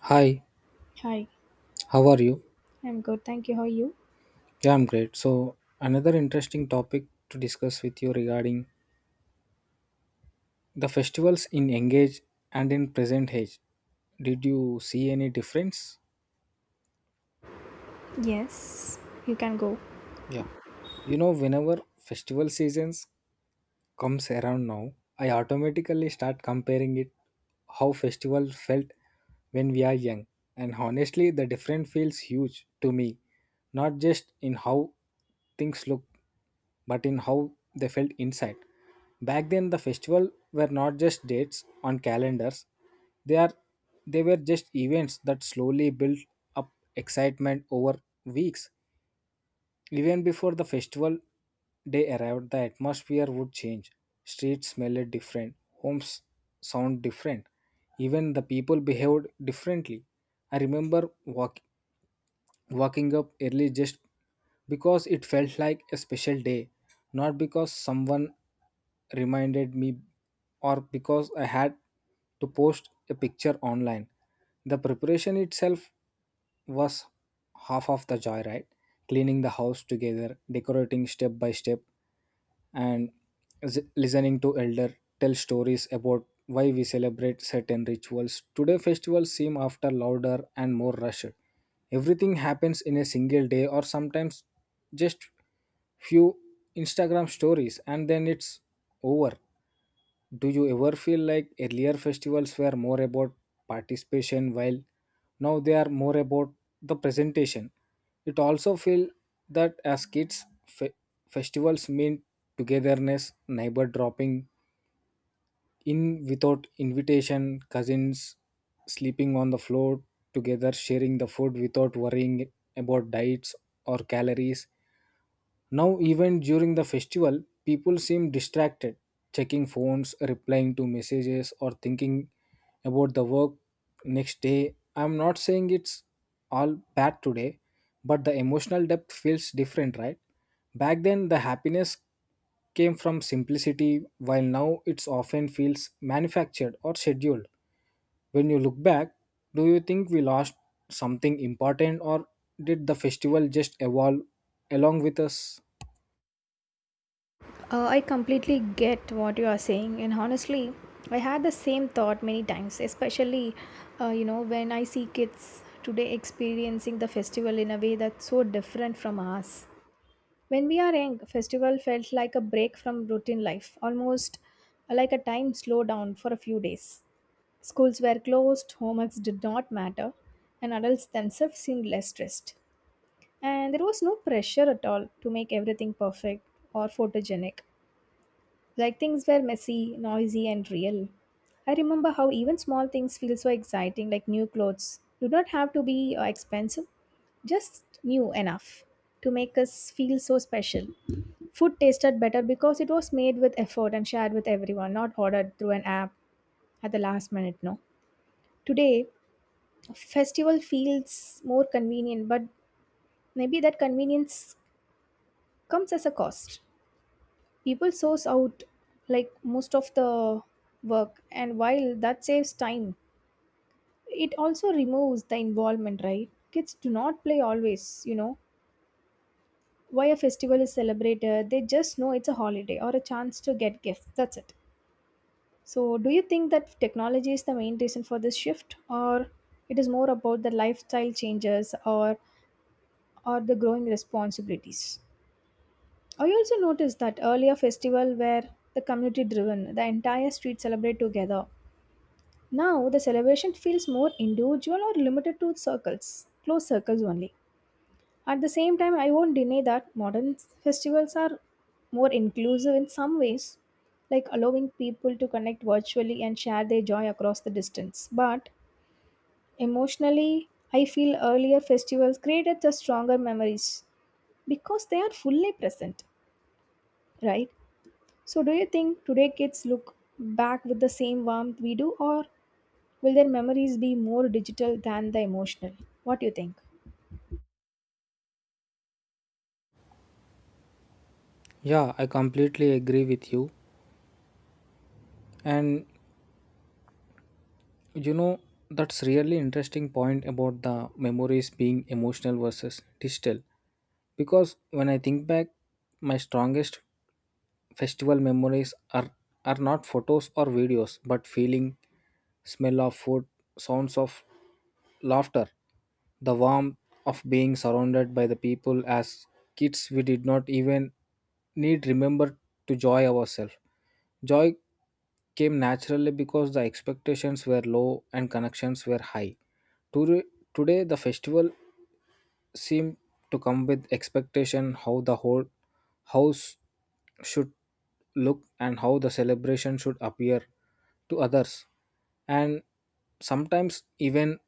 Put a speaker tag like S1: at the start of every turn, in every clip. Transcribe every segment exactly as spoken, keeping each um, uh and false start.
S1: Hi,
S2: Hi,
S1: how are you?
S2: I'm good. Thank you. How are you?
S1: Yeah, I'm great. So, another interesting topic to discuss with you regarding the festivals in engage and in present age. Did you see any difference?
S2: Yes, you can go.
S1: Yeah. You know, whenever festival seasons comes around now, I automatically start comparing it how festival felt when we are young. And honestly, the difference feels huge to me, not just in how things look, but in how they felt inside. Back then, the festival were not just dates on calendars; they are they were just events that slowly built up excitement over weeks. Even before the festival day arrived, the atmosphere would change. Streets smelled different, homes sound different, even the people behaved differently. I remember walk, Waking up early just because it felt like a special day, not because someone reminded me or because I had to post a picture online. The preparation itself was half of the joy, right? Cleaning the house together, decorating step by step, and z- listening to elder tell stories about why we celebrate certain rituals. Today festivals seem after louder and more rushed. Everything happens in a single day or sometimes just few Instagram stories and then it's over. Do you ever feel like earlier festivals were more about participation while now they are more about the presentation? It also feel that as kids, fe- festivals mean togetherness, neighbor dropping in without invitation, cousins sleeping on the floor together, sharing the food without worrying about diets or calories. Now, even during the festival, people seem distracted, checking phones, replying to messages, or thinking about the work next day. I'm not saying it's all bad today, but the emotional depth feels different, right? Back then, the happiness came from simplicity, while now it's often feels manufactured or scheduled. When you look back, do you think we lost something important, or did the festival just evolve along with us?
S2: Uh, I completely get what you are saying, and honestly, I had the same thought many times, especially, uh, you know, when I see kids today experiencing the festival in a way that's so different from us. When we are young, festival felt like a break from routine life, almost like a time slowdown for a few days. Schools were closed, homeworks did not matter, and adults themselves seemed less stressed. And there was no pressure at all to make everything perfect or photogenic. Like things were messy, noisy, and real. I remember how even small things feel so exciting, like new clothes. Do not have to be uh, expensive, just new enough to make us feel so special. Food tasted better because it was made with effort and shared with everyone, not ordered through an app at the last minute. No. Today, festival feels more convenient, but maybe that convenience comes as a cost. People source out like most of the work, and while that saves time, it also removes the involvement, right? Kids do not play always, you know why a festival is celebrated. They just know it's a holiday or a chance to get gifts, that's it. So do you think that technology is the main reason for this shift, or it is more about the lifestyle changes, or or the growing responsibilities? I also noticed that earlier festival where the community driven, the entire street celebrate together. Now the celebration feels more individual or limited to circles, close circles only. At the same time, I won't deny that modern festivals are more inclusive in some ways, like allowing people to connect virtually and share their joy across the distance. But emotionally, I feel earlier festivals created the stronger memories because they are fully present, right? So, do you think today kids look back with the same warmth we do, or will their memories be more digital than the emotional? What do you think?
S1: Yeah, I completely agree with you. And you know, that's really interesting point about the memories being emotional versus digital. Because when I think back, my strongest festival memories are, are not photos or videos, but feeling, smell of food, sounds of laughter, the warmth of being surrounded by the people as kids we did not even need remember to joy ourselves. Joy came naturally because the expectations were low and connections were high. Today, today the festival seemed to come with expectation how the whole house should look and how the celebration should appear to others and sometimes even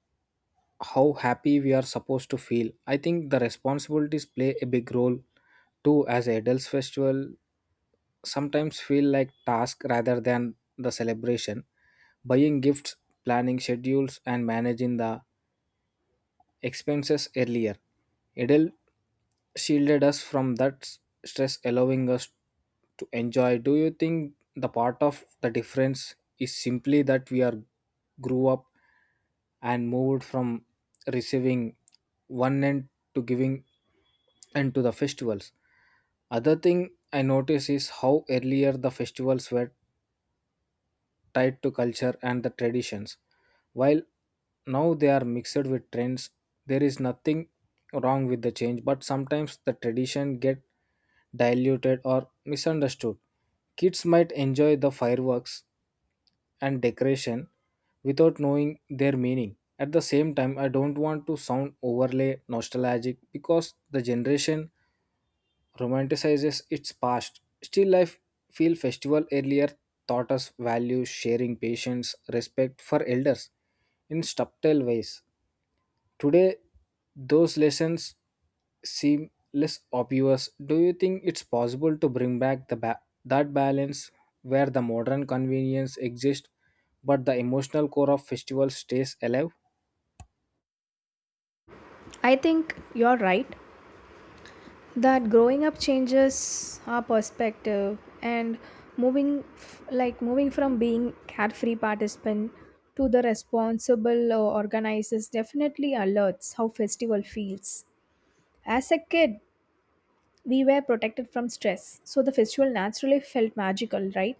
S1: how happy we are supposed to feel. I think the responsibilities play a big role too. As adults festival sometimes feel like task rather than the celebration, buying gifts, planning schedules and managing the expenses earlier. Adele shielded us from that s- stress, allowing us to enjoy. Do you think the part of the difference is simply that we are grew up and moved from receiving one end to giving end to the festivals? Other thing I notice is how earlier the festivals were tied to culture and the traditions. While now they are mixed with trends, there is nothing wrong with the change, but sometimes the tradition get diluted or misunderstood. Kids might enjoy the fireworks and decoration without knowing their meaning. At the same time, I don't want to sound overly nostalgic because the generation romanticizes its past. Still life feel festival earlier taught us values, sharing, patience, respect for elders in subtle ways. Today, those lessons seem less obvious. Do you think it's possible to bring back the ba- that balance where the modern convenience exists, but the emotional core of festival stays alive?
S2: I think you're right that growing up changes our perspective and moving f- like moving from being carefree participant to the responsible uh, organizers definitely alerts how festival feels. As a kid, we were protected from stress, so the festival naturally felt magical, right?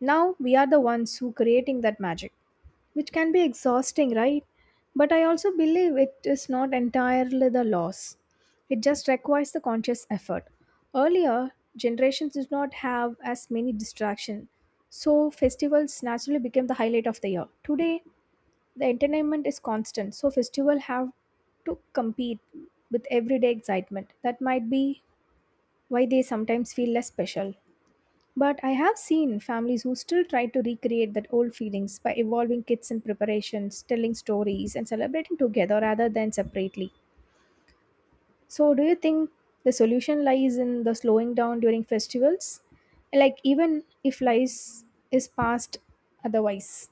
S2: Now we are the ones who creating that magic, which can be exhausting, right? But I also believe it is not entirely the loss. It just requires the conscious effort. Earlier, generations did not have as many distractions, so festivals naturally became the highlight of the year. Today, the entertainment is constant, so festivals have to compete with everyday excitement. That might be why they sometimes feel less special. But I have seen families who still try to recreate that old feelings by involving kids in preparations, telling stories, and celebrating together rather than separately. So, do you think the solution lies in the slowing down during festivals? Like, even if lies is passed otherwise.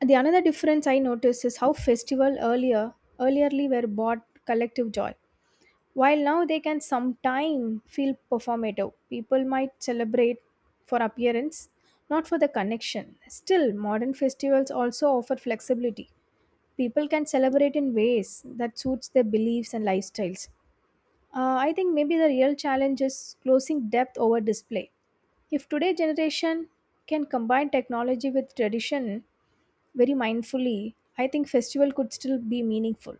S2: The another difference I noticed is how festival earlier, earlierly were bought collective joy. While now they can sometimes feel performative, people might celebrate for appearance, not for the connection. Still, modern festivals also offer flexibility. People can celebrate in ways that suits their beliefs and lifestyles. Uh, I think maybe the real challenge is closing depth over display. If today's generation can combine technology with tradition very mindfully, I think festival could still be meaningful.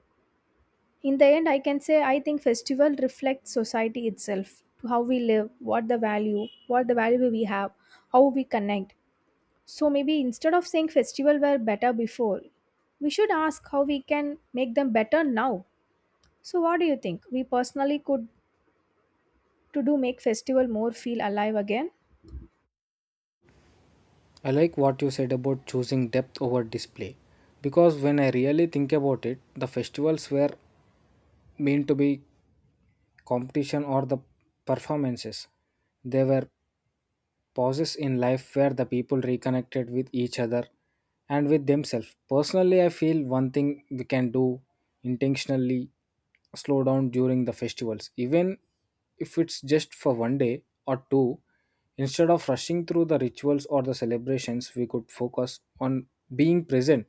S2: In the end, I can say I think festival reflects society itself to how we live, what the value, what the value we have, how we connect. So maybe instead of saying festival were better before, we should ask how we can make them better now. So what do you think? We personally could to do make festival more feel alive again?
S1: I like what you said about choosing depth over display because when I really think about it, the festivals were mean to be competition or the performances. They were pauses in life where the people reconnected with each other and with themselves. Personally, I feel one thing we can do intentionally slow down during the festivals, even if it's just for one day or two. Instead of rushing through the rituals or the celebrations, we could focus on being present,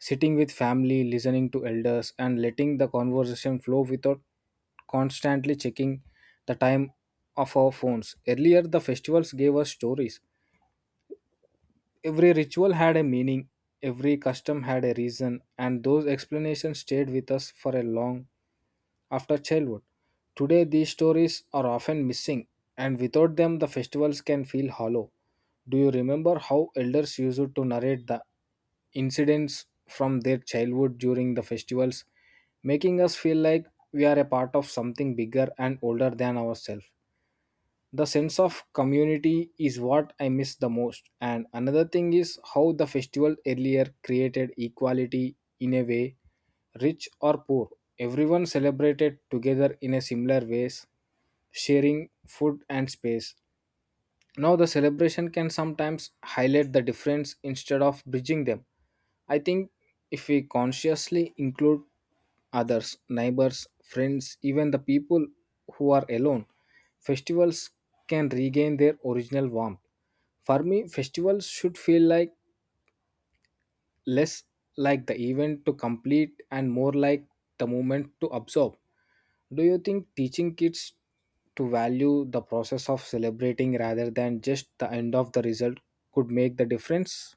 S1: sitting with family, listening to elders, and letting the conversation flow without constantly checking the time of our phones. Earlier, the festivals gave us stories. Every ritual had a meaning, every custom had a reason, and those explanations stayed with us for a long after childhood. Today, these stories are often missing, and without them, the festivals can feel hollow. Do you remember how elders used to narrate the incidents from their childhood during the festivals, making us feel like we are a part of something bigger and older than ourselves? The sense of community is what I miss the most. And another thing is how the festival earlier created equality in a way, rich or poor. Everyone celebrated together in a similar ways, sharing food and space. Now, the celebration can sometimes highlight the difference instead of bridging them. I think if we consciously include others, neighbors, friends, even the people who are alone, festivals can regain their original warmth. For me, festivals should feel like less like the event to complete and more like the moment to absorb. Do you think teaching kids to value the process of celebrating rather than just the end of the result could make the difference?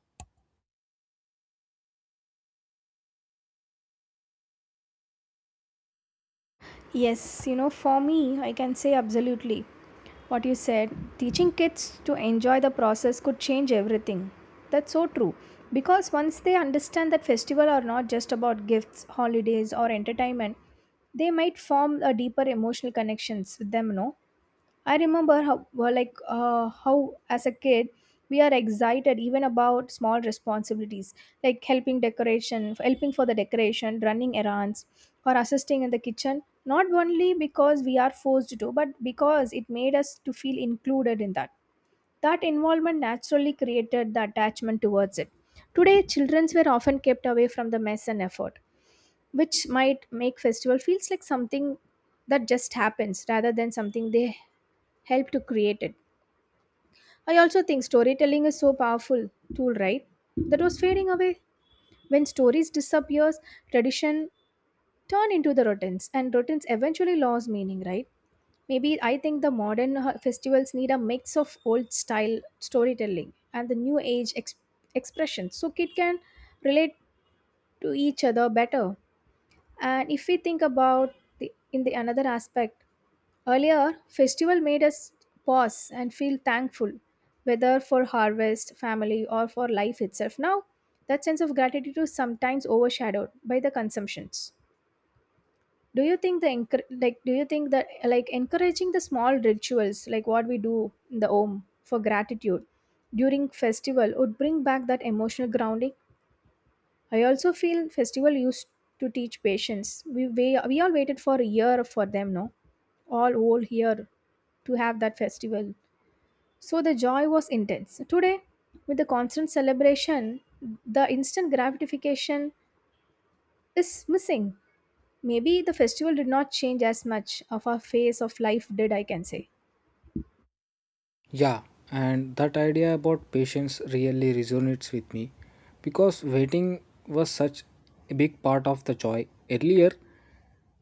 S2: Yes, you know, for me, I can say absolutely. What you said, teaching kids to enjoy the process could change everything. That's so true. Because once they understand that festivals are not just about gifts, holidays, or entertainment, they might form a deeper emotional connections with them, no? I remember how well, like uh, how as a kid we are excited even about small responsibilities like helping decoration, helping for the decoration, running errands, or assisting in the kitchen. Not only because we are forced to, but because it made us to feel included in that. That involvement naturally created the attachment towards it. Today, childrens were often kept away from the mess and effort, which might make festival feels like something that just happens rather than something they helped to create it. I also think storytelling is so powerful tool, right? That was fading away. When stories disappears, tradition turn into the routines, and routines eventually lose meaning, right? Maybe I think the modern uh, festivals need a mix of old style storytelling and the new age ex- expression so kid can relate to each other better. And if we think about the in the another aspect, earlier, festival made us pause and feel thankful, whether for harvest, family, or for life itself. Now, that sense of gratitude is sometimes overshadowed by the consumptions. Do you think the encour- like? Do you think that like encouraging the small rituals like what we do in the Om for gratitude during festival would bring back that emotional grounding? I also feel festival used to teach patience. We we, we all waited for a year for them, no? All whole year to have that festival. So the joy was intense. Today, with the constant celebration, the instant gratification is missing. Maybe the festival did not change as much of our phase of life did, I can say.
S1: Yeah, and that idea about patience really resonates with me because waiting was such a big part of the joy earlier.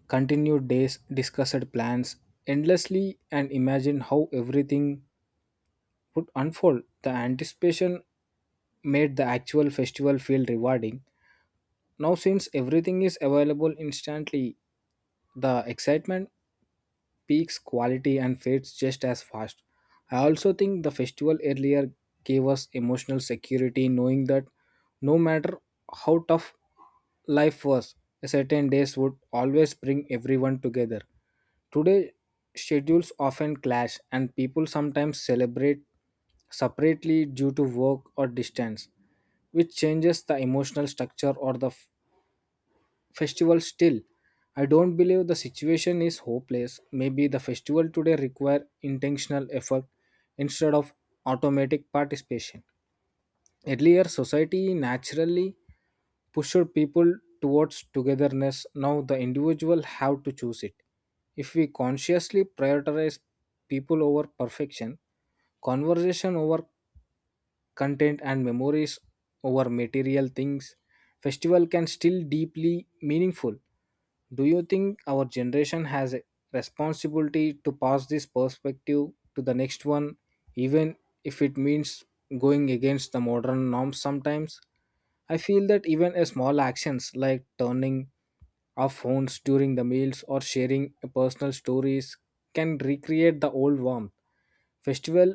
S1: Continued days, discussed plans endlessly, and imagined how everything would unfold. The anticipation made the actual festival feel rewarding. Now, since everything is available instantly, the excitement peaks quality and fades just as fast. I also think the festival earlier gave us emotional security knowing that no matter how tough life was, certain days would always bring everyone together. Today, schedules often clash, and people sometimes celebrate separately due to work or distance, which changes the emotional structure or the festival still. I don't believe the situation is hopeless. Maybe the festival today require intentional effort instead of automatic participation. Earlier society naturally pushed people towards togetherness. Now the individual have to choose it. If we consciously prioritize people over perfection, conversation over content and memories over material things, festival can still deeply meaningful. Do you think our generation has a responsibility to pass this perspective to the next one, even if it means going against the modern norms sometimes? I feel that even a small actions like turning off phones during the meals or sharing a personal stories can recreate the old warmth. Festival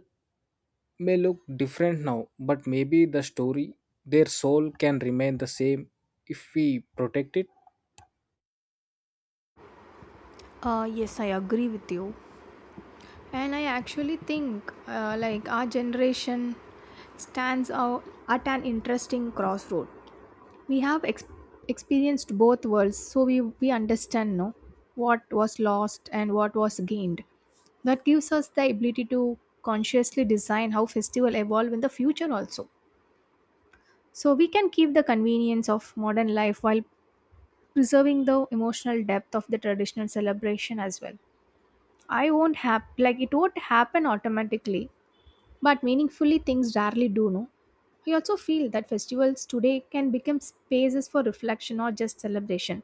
S1: may look different now, but maybe the story, their soul can remain the same if we protect it.
S2: Uh, yes, I agree with you. And I actually think uh, like our generation stands out at an interesting crossroad. we have ex- experienced both worlds, so we we understand, no, what was lost and what was gained. That gives us the ability to consciously design how festival evolve in the future also, so we can keep the convenience of modern life while preserving the emotional depth of the traditional celebration as well. I won't have like It won't happen automatically, but meaningfully things rarely do, no. I also feel that festivals today can become spaces for reflection or just celebration,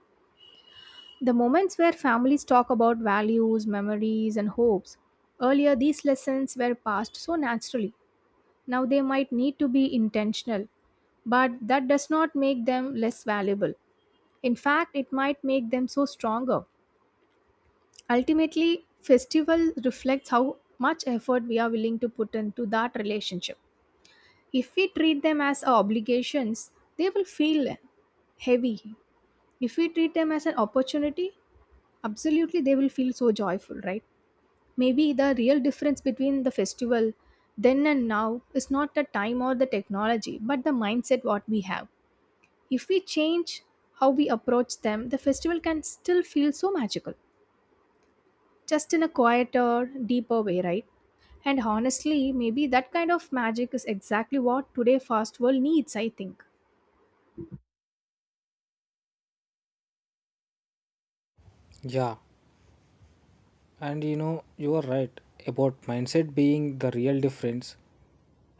S2: the moments where families talk about values, memories, and hopes. Earlier, these lessons were passed so naturally. Now they might need to be intentional, but that does not make them less valuable. In fact, it might make them so stronger. Ultimately, festival reflects how much effort we are willing to put into that relationship. If we treat them as obligations, they will feel heavy. If we treat them as an opportunity, absolutely they will feel so joyful, right? Maybe the real difference between the festival then and now is not the time or the technology, but the mindset what we have. If we change how we approach them, the festival can still feel so magical, just in a quieter, deeper way, right? And honestly, maybe that kind of magic is exactly what today fast world needs, I think.
S1: Yeah, and you know, you are right about mindset being the real difference.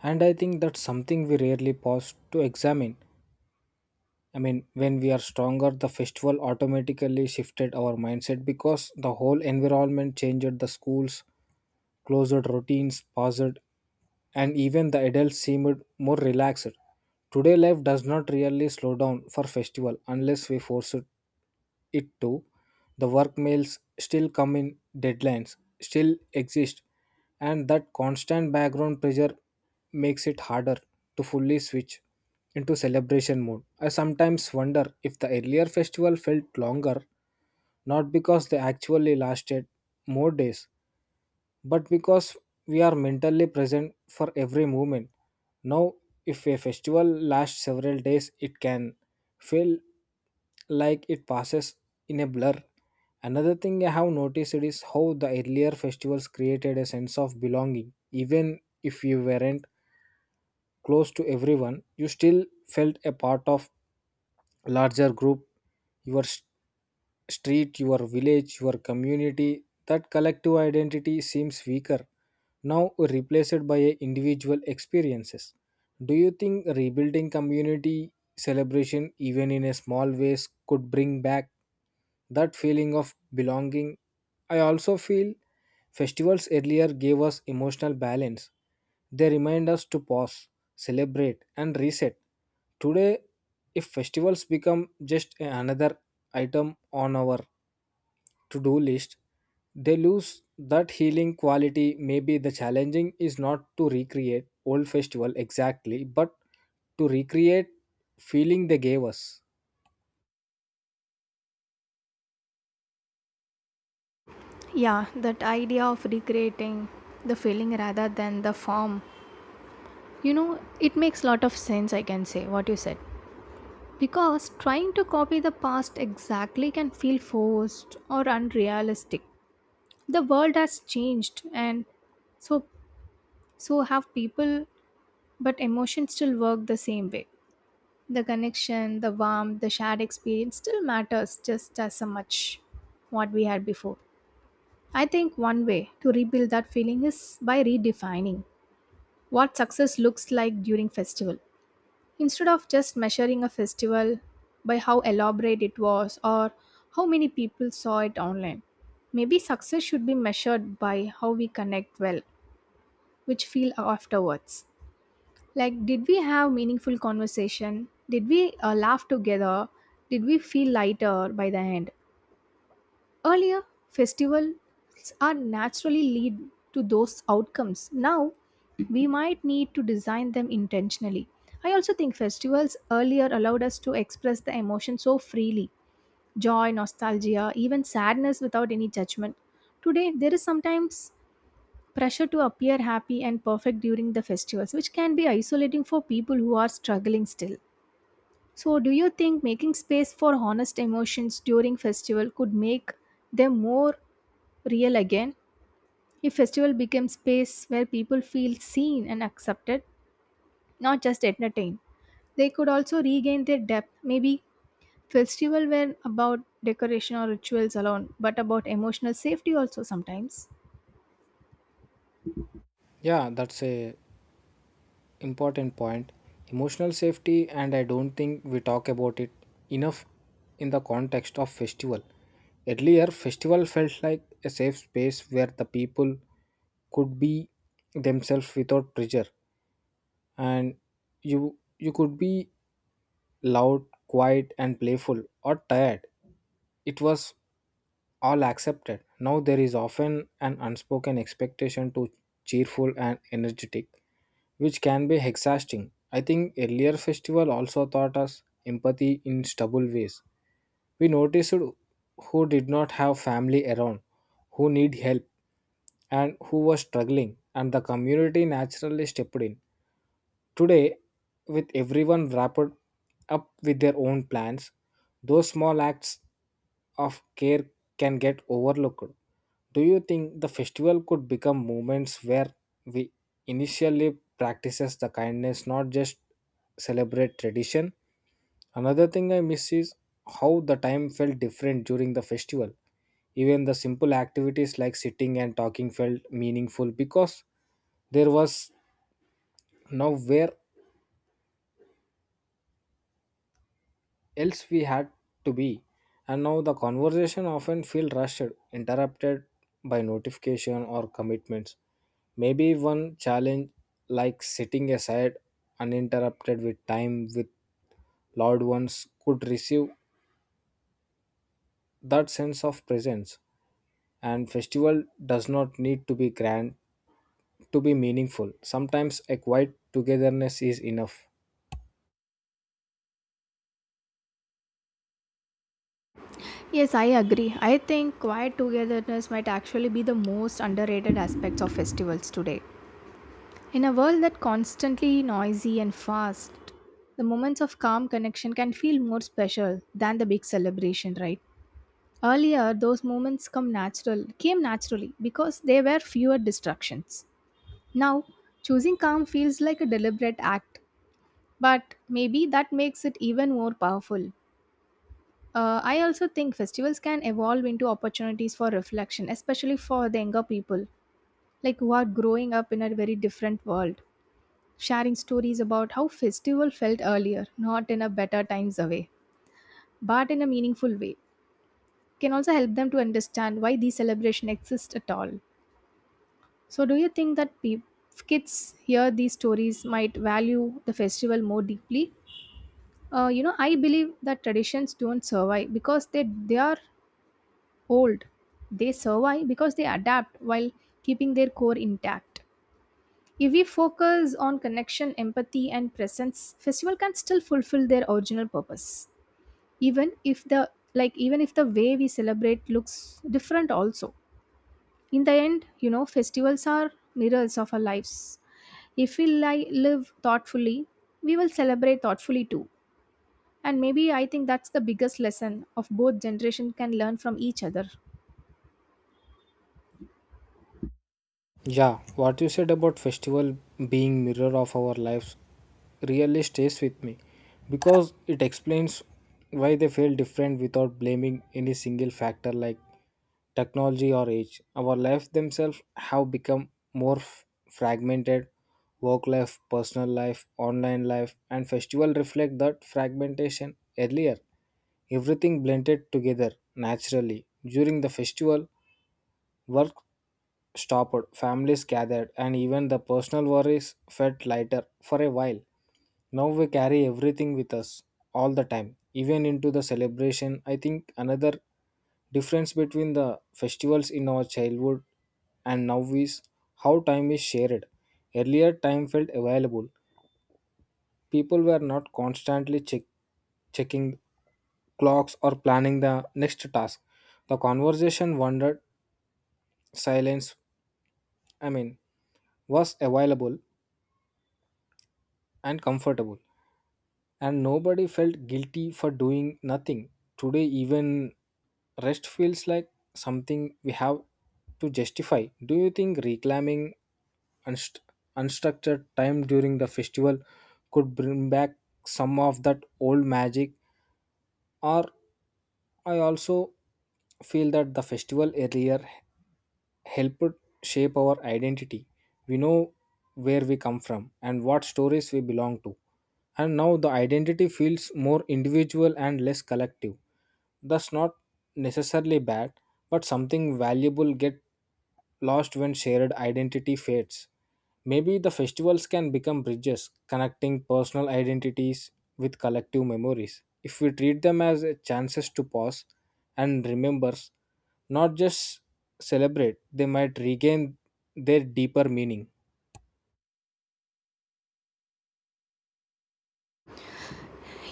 S1: And I think that's something we rarely pause to examine. I mean, when we are stronger, the festival automatically shifted our mindset because the whole environment changed the schools, closed routines, paused and even the adults seemed more relaxed. Today, life does not really slow down for festival unless we force it it to. The work mails still come in, deadlines still exist, and that constant background pressure makes it harder to fully switch into celebration mode. I sometimes wonder if the earlier festival felt longer, not because they actually lasted more days, but because we are mentally present for every moment. Now, if a festival lasts several days, it can feel like it passes in a blur. Another thing I have noticed is how the earlier festivals created a sense of belonging. Even if you weren't close to everyone, you still felt a part of larger group, your s- street, your village, your community, that collective identity seems weaker, now replaced by a individual experiences. Do you think rebuilding community celebration, even in a small ways, could bring back that feeling of belonging? I also feel festivals earlier gave us emotional balance. They remind us to pause, celebrate, and reset. Today, if festivals become just another item on our to do list, they lose that healing quality. Maybe the challenging is not to recreate old festival exactly, but to recreate feeling they gave us.
S2: Yeah, that idea of recreating the feeling rather than the form. You know, it makes lot of sense I can say what you said. Because trying to copy the past exactly can feel forced or unrealistic. The world has changed and so so have people, but emotions still work the same way. The connection, the warmth, the shared experience still matters just as so much what we had before. I think one way to rebuild that feeling is by redefining what success looks like during festival. Instead of just measuring a festival by how elaborate it was or how many people saw it online, maybe success should be measured by how we connect well, which feel afterwards. Like, did we have meaningful conversation? Did we uh, laugh together? Did we feel lighter by the end? Earlier, festivals are naturally lead to those outcomes. Now, we might need to design them intentionally. I also think festivals earlier allowed us to express the emotion so freely, joy, nostalgia, even sadness without any judgment. Today, there is sometimes pressure to appear happy and perfect during the festivals, which can be isolating for people who are struggling still. So, do you think making space for honest emotions during festival could make them more real again? If festival became space where people feel seen and accepted, not just entertained, they could also regain their depth. Maybe festival were about decoration or rituals alone, but about emotional safety also sometimes.
S1: Yeah, that's a important point emotional safety, and I don't think we talk about it enough in the context of festival earlier. Festival felt like a safe space where the people could be themselves without pressure, and you you could be loud quiet and playful or tired. It was all accepted. Now there is often an unspoken expectation to cheerful and energetic, which can be exhausting. I think earlier festival also taught us empathy in stubble ways. We noticed who did not have family around, who need help, and who was struggling, and the community naturally stepped in. Today, with everyone wrapped up with their own plans, those small acts of care can get overlooked. Do you think the festival could become moments where we initially practices the kindness, not just celebrate tradition? Another thing I miss is how the time felt different during the festival. Even the simple activities like sitting and talking felt meaningful because there was nowhere else we had to be. And now the conversation often feel rushed, interrupted by notification or commitments. Maybe one challenge like sitting aside uninterrupted with time with loved ones could receive that sense of presence. And festival does not need to be grand to be meaningful. Sometimes a quiet togetherness is enough.
S2: Yes, I agree. I think quiet togetherness might actually be the most underrated aspects of festivals today. In a world that constantly noisy and fast, the moments of calm connection can feel more special than the big celebration, right? Earlier, those moments come natural came naturally because there were fewer distractions. Now, choosing calm feels like a deliberate act, but maybe that makes it even more powerful. Uh, I also think festivals can evolve into opportunities for reflection, especially for the younger people, like who are growing up in a very different world, sharing stories about how festival felt earlier, not in a better times away, but in a meaningful way, can also help them to understand why these celebrations exist at all. So, do you think that peop kids hear these stories might value the festival more deeply? Uh, you know, I believe that traditions don't survive because they they are old. They survive because they adapt while keeping their core intact. If we focus on connection, empathy, and presence, festival can still fulfill their original purpose. Even if the like Even if the way we celebrate looks different also. In the end, you know, festivals are mirrors of our lives. If we li- live thoughtfully, we will celebrate thoughtfully too. And maybe I think that's the biggest lesson of both generation can learn from each other.
S1: Yeah, what you said about festival being mirror of our lives really stays with me because it explains why they feel different without blaming any single factor like technology or age. Our lives themselves have become more f- fragmented. Work life, personal life, online life, and festival reflect that fragmentation earlier everything blended together naturally. During the festival, work stopped, families gathered, and even the personal worries felt lighter for a while. Now we carry everything with us all the time, even into the celebration. I think another difference between the festivals in our childhood and now is how time is shared. Earlier, time felt available. People were not constantly check, checking clocks or planning the next task. The conversation wandered, silence, I mean, was available, and comfortable and nobody felt guilty for doing nothing today even rest feels like something we have to justify. Do you think reclaiming unst- unstructured time during the festival could bring back some of that old magic? Or I also feel that the festival earlier helped shape our identity. We know where we come from and what stories we belong to. And now the identity feels more individual and less collective. That's not necessarily bad, but something valuable get lost when shared identity fades. Maybe the festivals can become bridges connecting personal identities with collective memories. If we treat them as a chances to pause and remember, not just celebrate, they might regain their deeper meaning.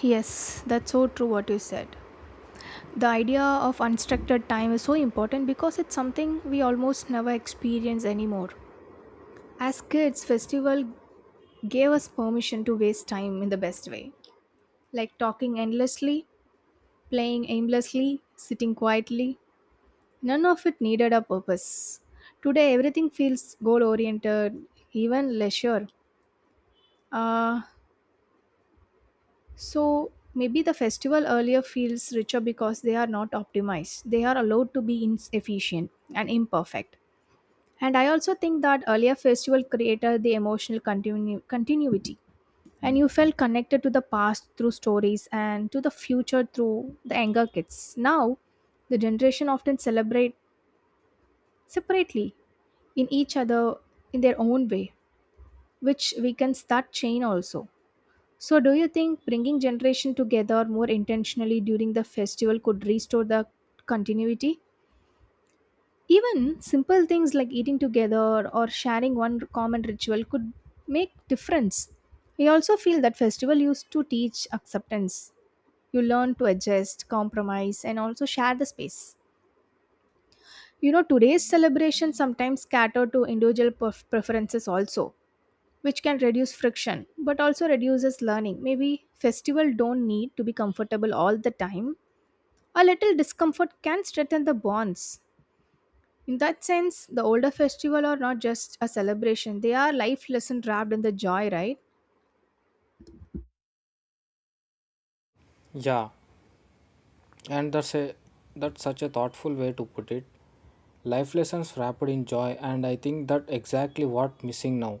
S2: Yes, that's so true what you said. The idea of unstructured time is so important because it's something we almost never experience anymore. As kids, festival gave us permission to waste time in the best way, like talking endlessly, playing aimlessly, sitting quietly, none of it needed a purpose. Today, everything feels goal oriented, even leisure. Uh, so, maybe the festival earlier feels richer because they are not optimized. They are allowed to be inefficient and imperfect. And I also think that earlier festival created the emotional continu- continuity. And you felt connected to the past through stories and to the future through the younger kids. Now, the generation often celebrate separately in each other in their own way, which weakens that chain also. So, do you think bringing generation together more intentionally during the festival could restore the continuity? Even simple things like eating together or sharing one common ritual could make difference. I also feel that festival used to teach acceptance. You learn to adjust, compromise, and also share the space. You know, today's celebration sometimes cater to individual pref- preferences also, which can reduce friction but also reduces learning. Maybe festival don't need to be comfortable all the time. A little discomfort can strengthen the bonds. In that sense, the older festival are not just a celebration, they are life lesson wrapped in the joy, right?
S1: Yeah and that's a that's such a thoughtful way to put it, life lessons wrapped in joy, and I think that exactly what missing now.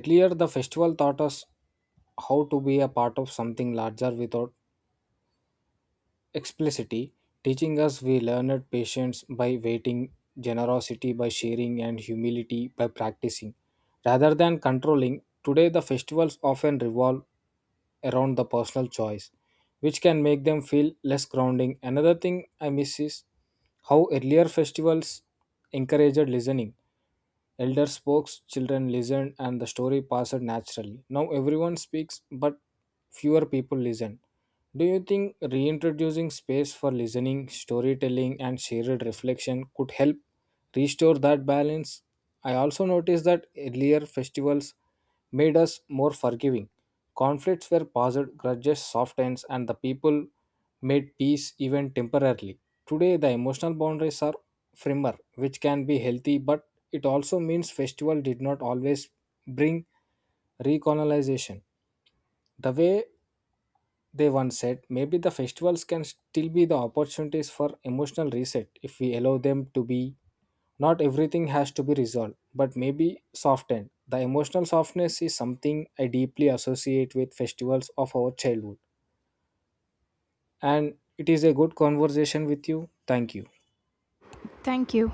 S1: Earlier the festival taught us how to be a part of something larger without explicitly teaching us. We learned patience by waiting, generosity by sharing, and humility by practicing. Rather than controlling, today the festivals often revolve around the personal choice, which can make them feel less grounding. Another thing I miss is how earlier festivals encouraged listening. Elders spoke, children listened, and the story passed naturally. Now everyone speaks, but fewer people listen. Do you think reintroducing space for listening, storytelling, and shared reflection could help restore that balance? I also noticed that earlier festivals made us more forgiving. Conflicts were paused, grudges softened, and the people made peace even temporarily. Today, the emotional boundaries are firmer, which can be healthy, but it also means festival did not always bring recolonization. The way they once said, maybe the festivals can still be the opportunities for emotional reset if we allow them to be. Not everything has to be resolved, but maybe softened. The emotional softness is something I deeply associate with festivals of our childhood. And it is a good conversation with you. Thank you.
S2: Thank you.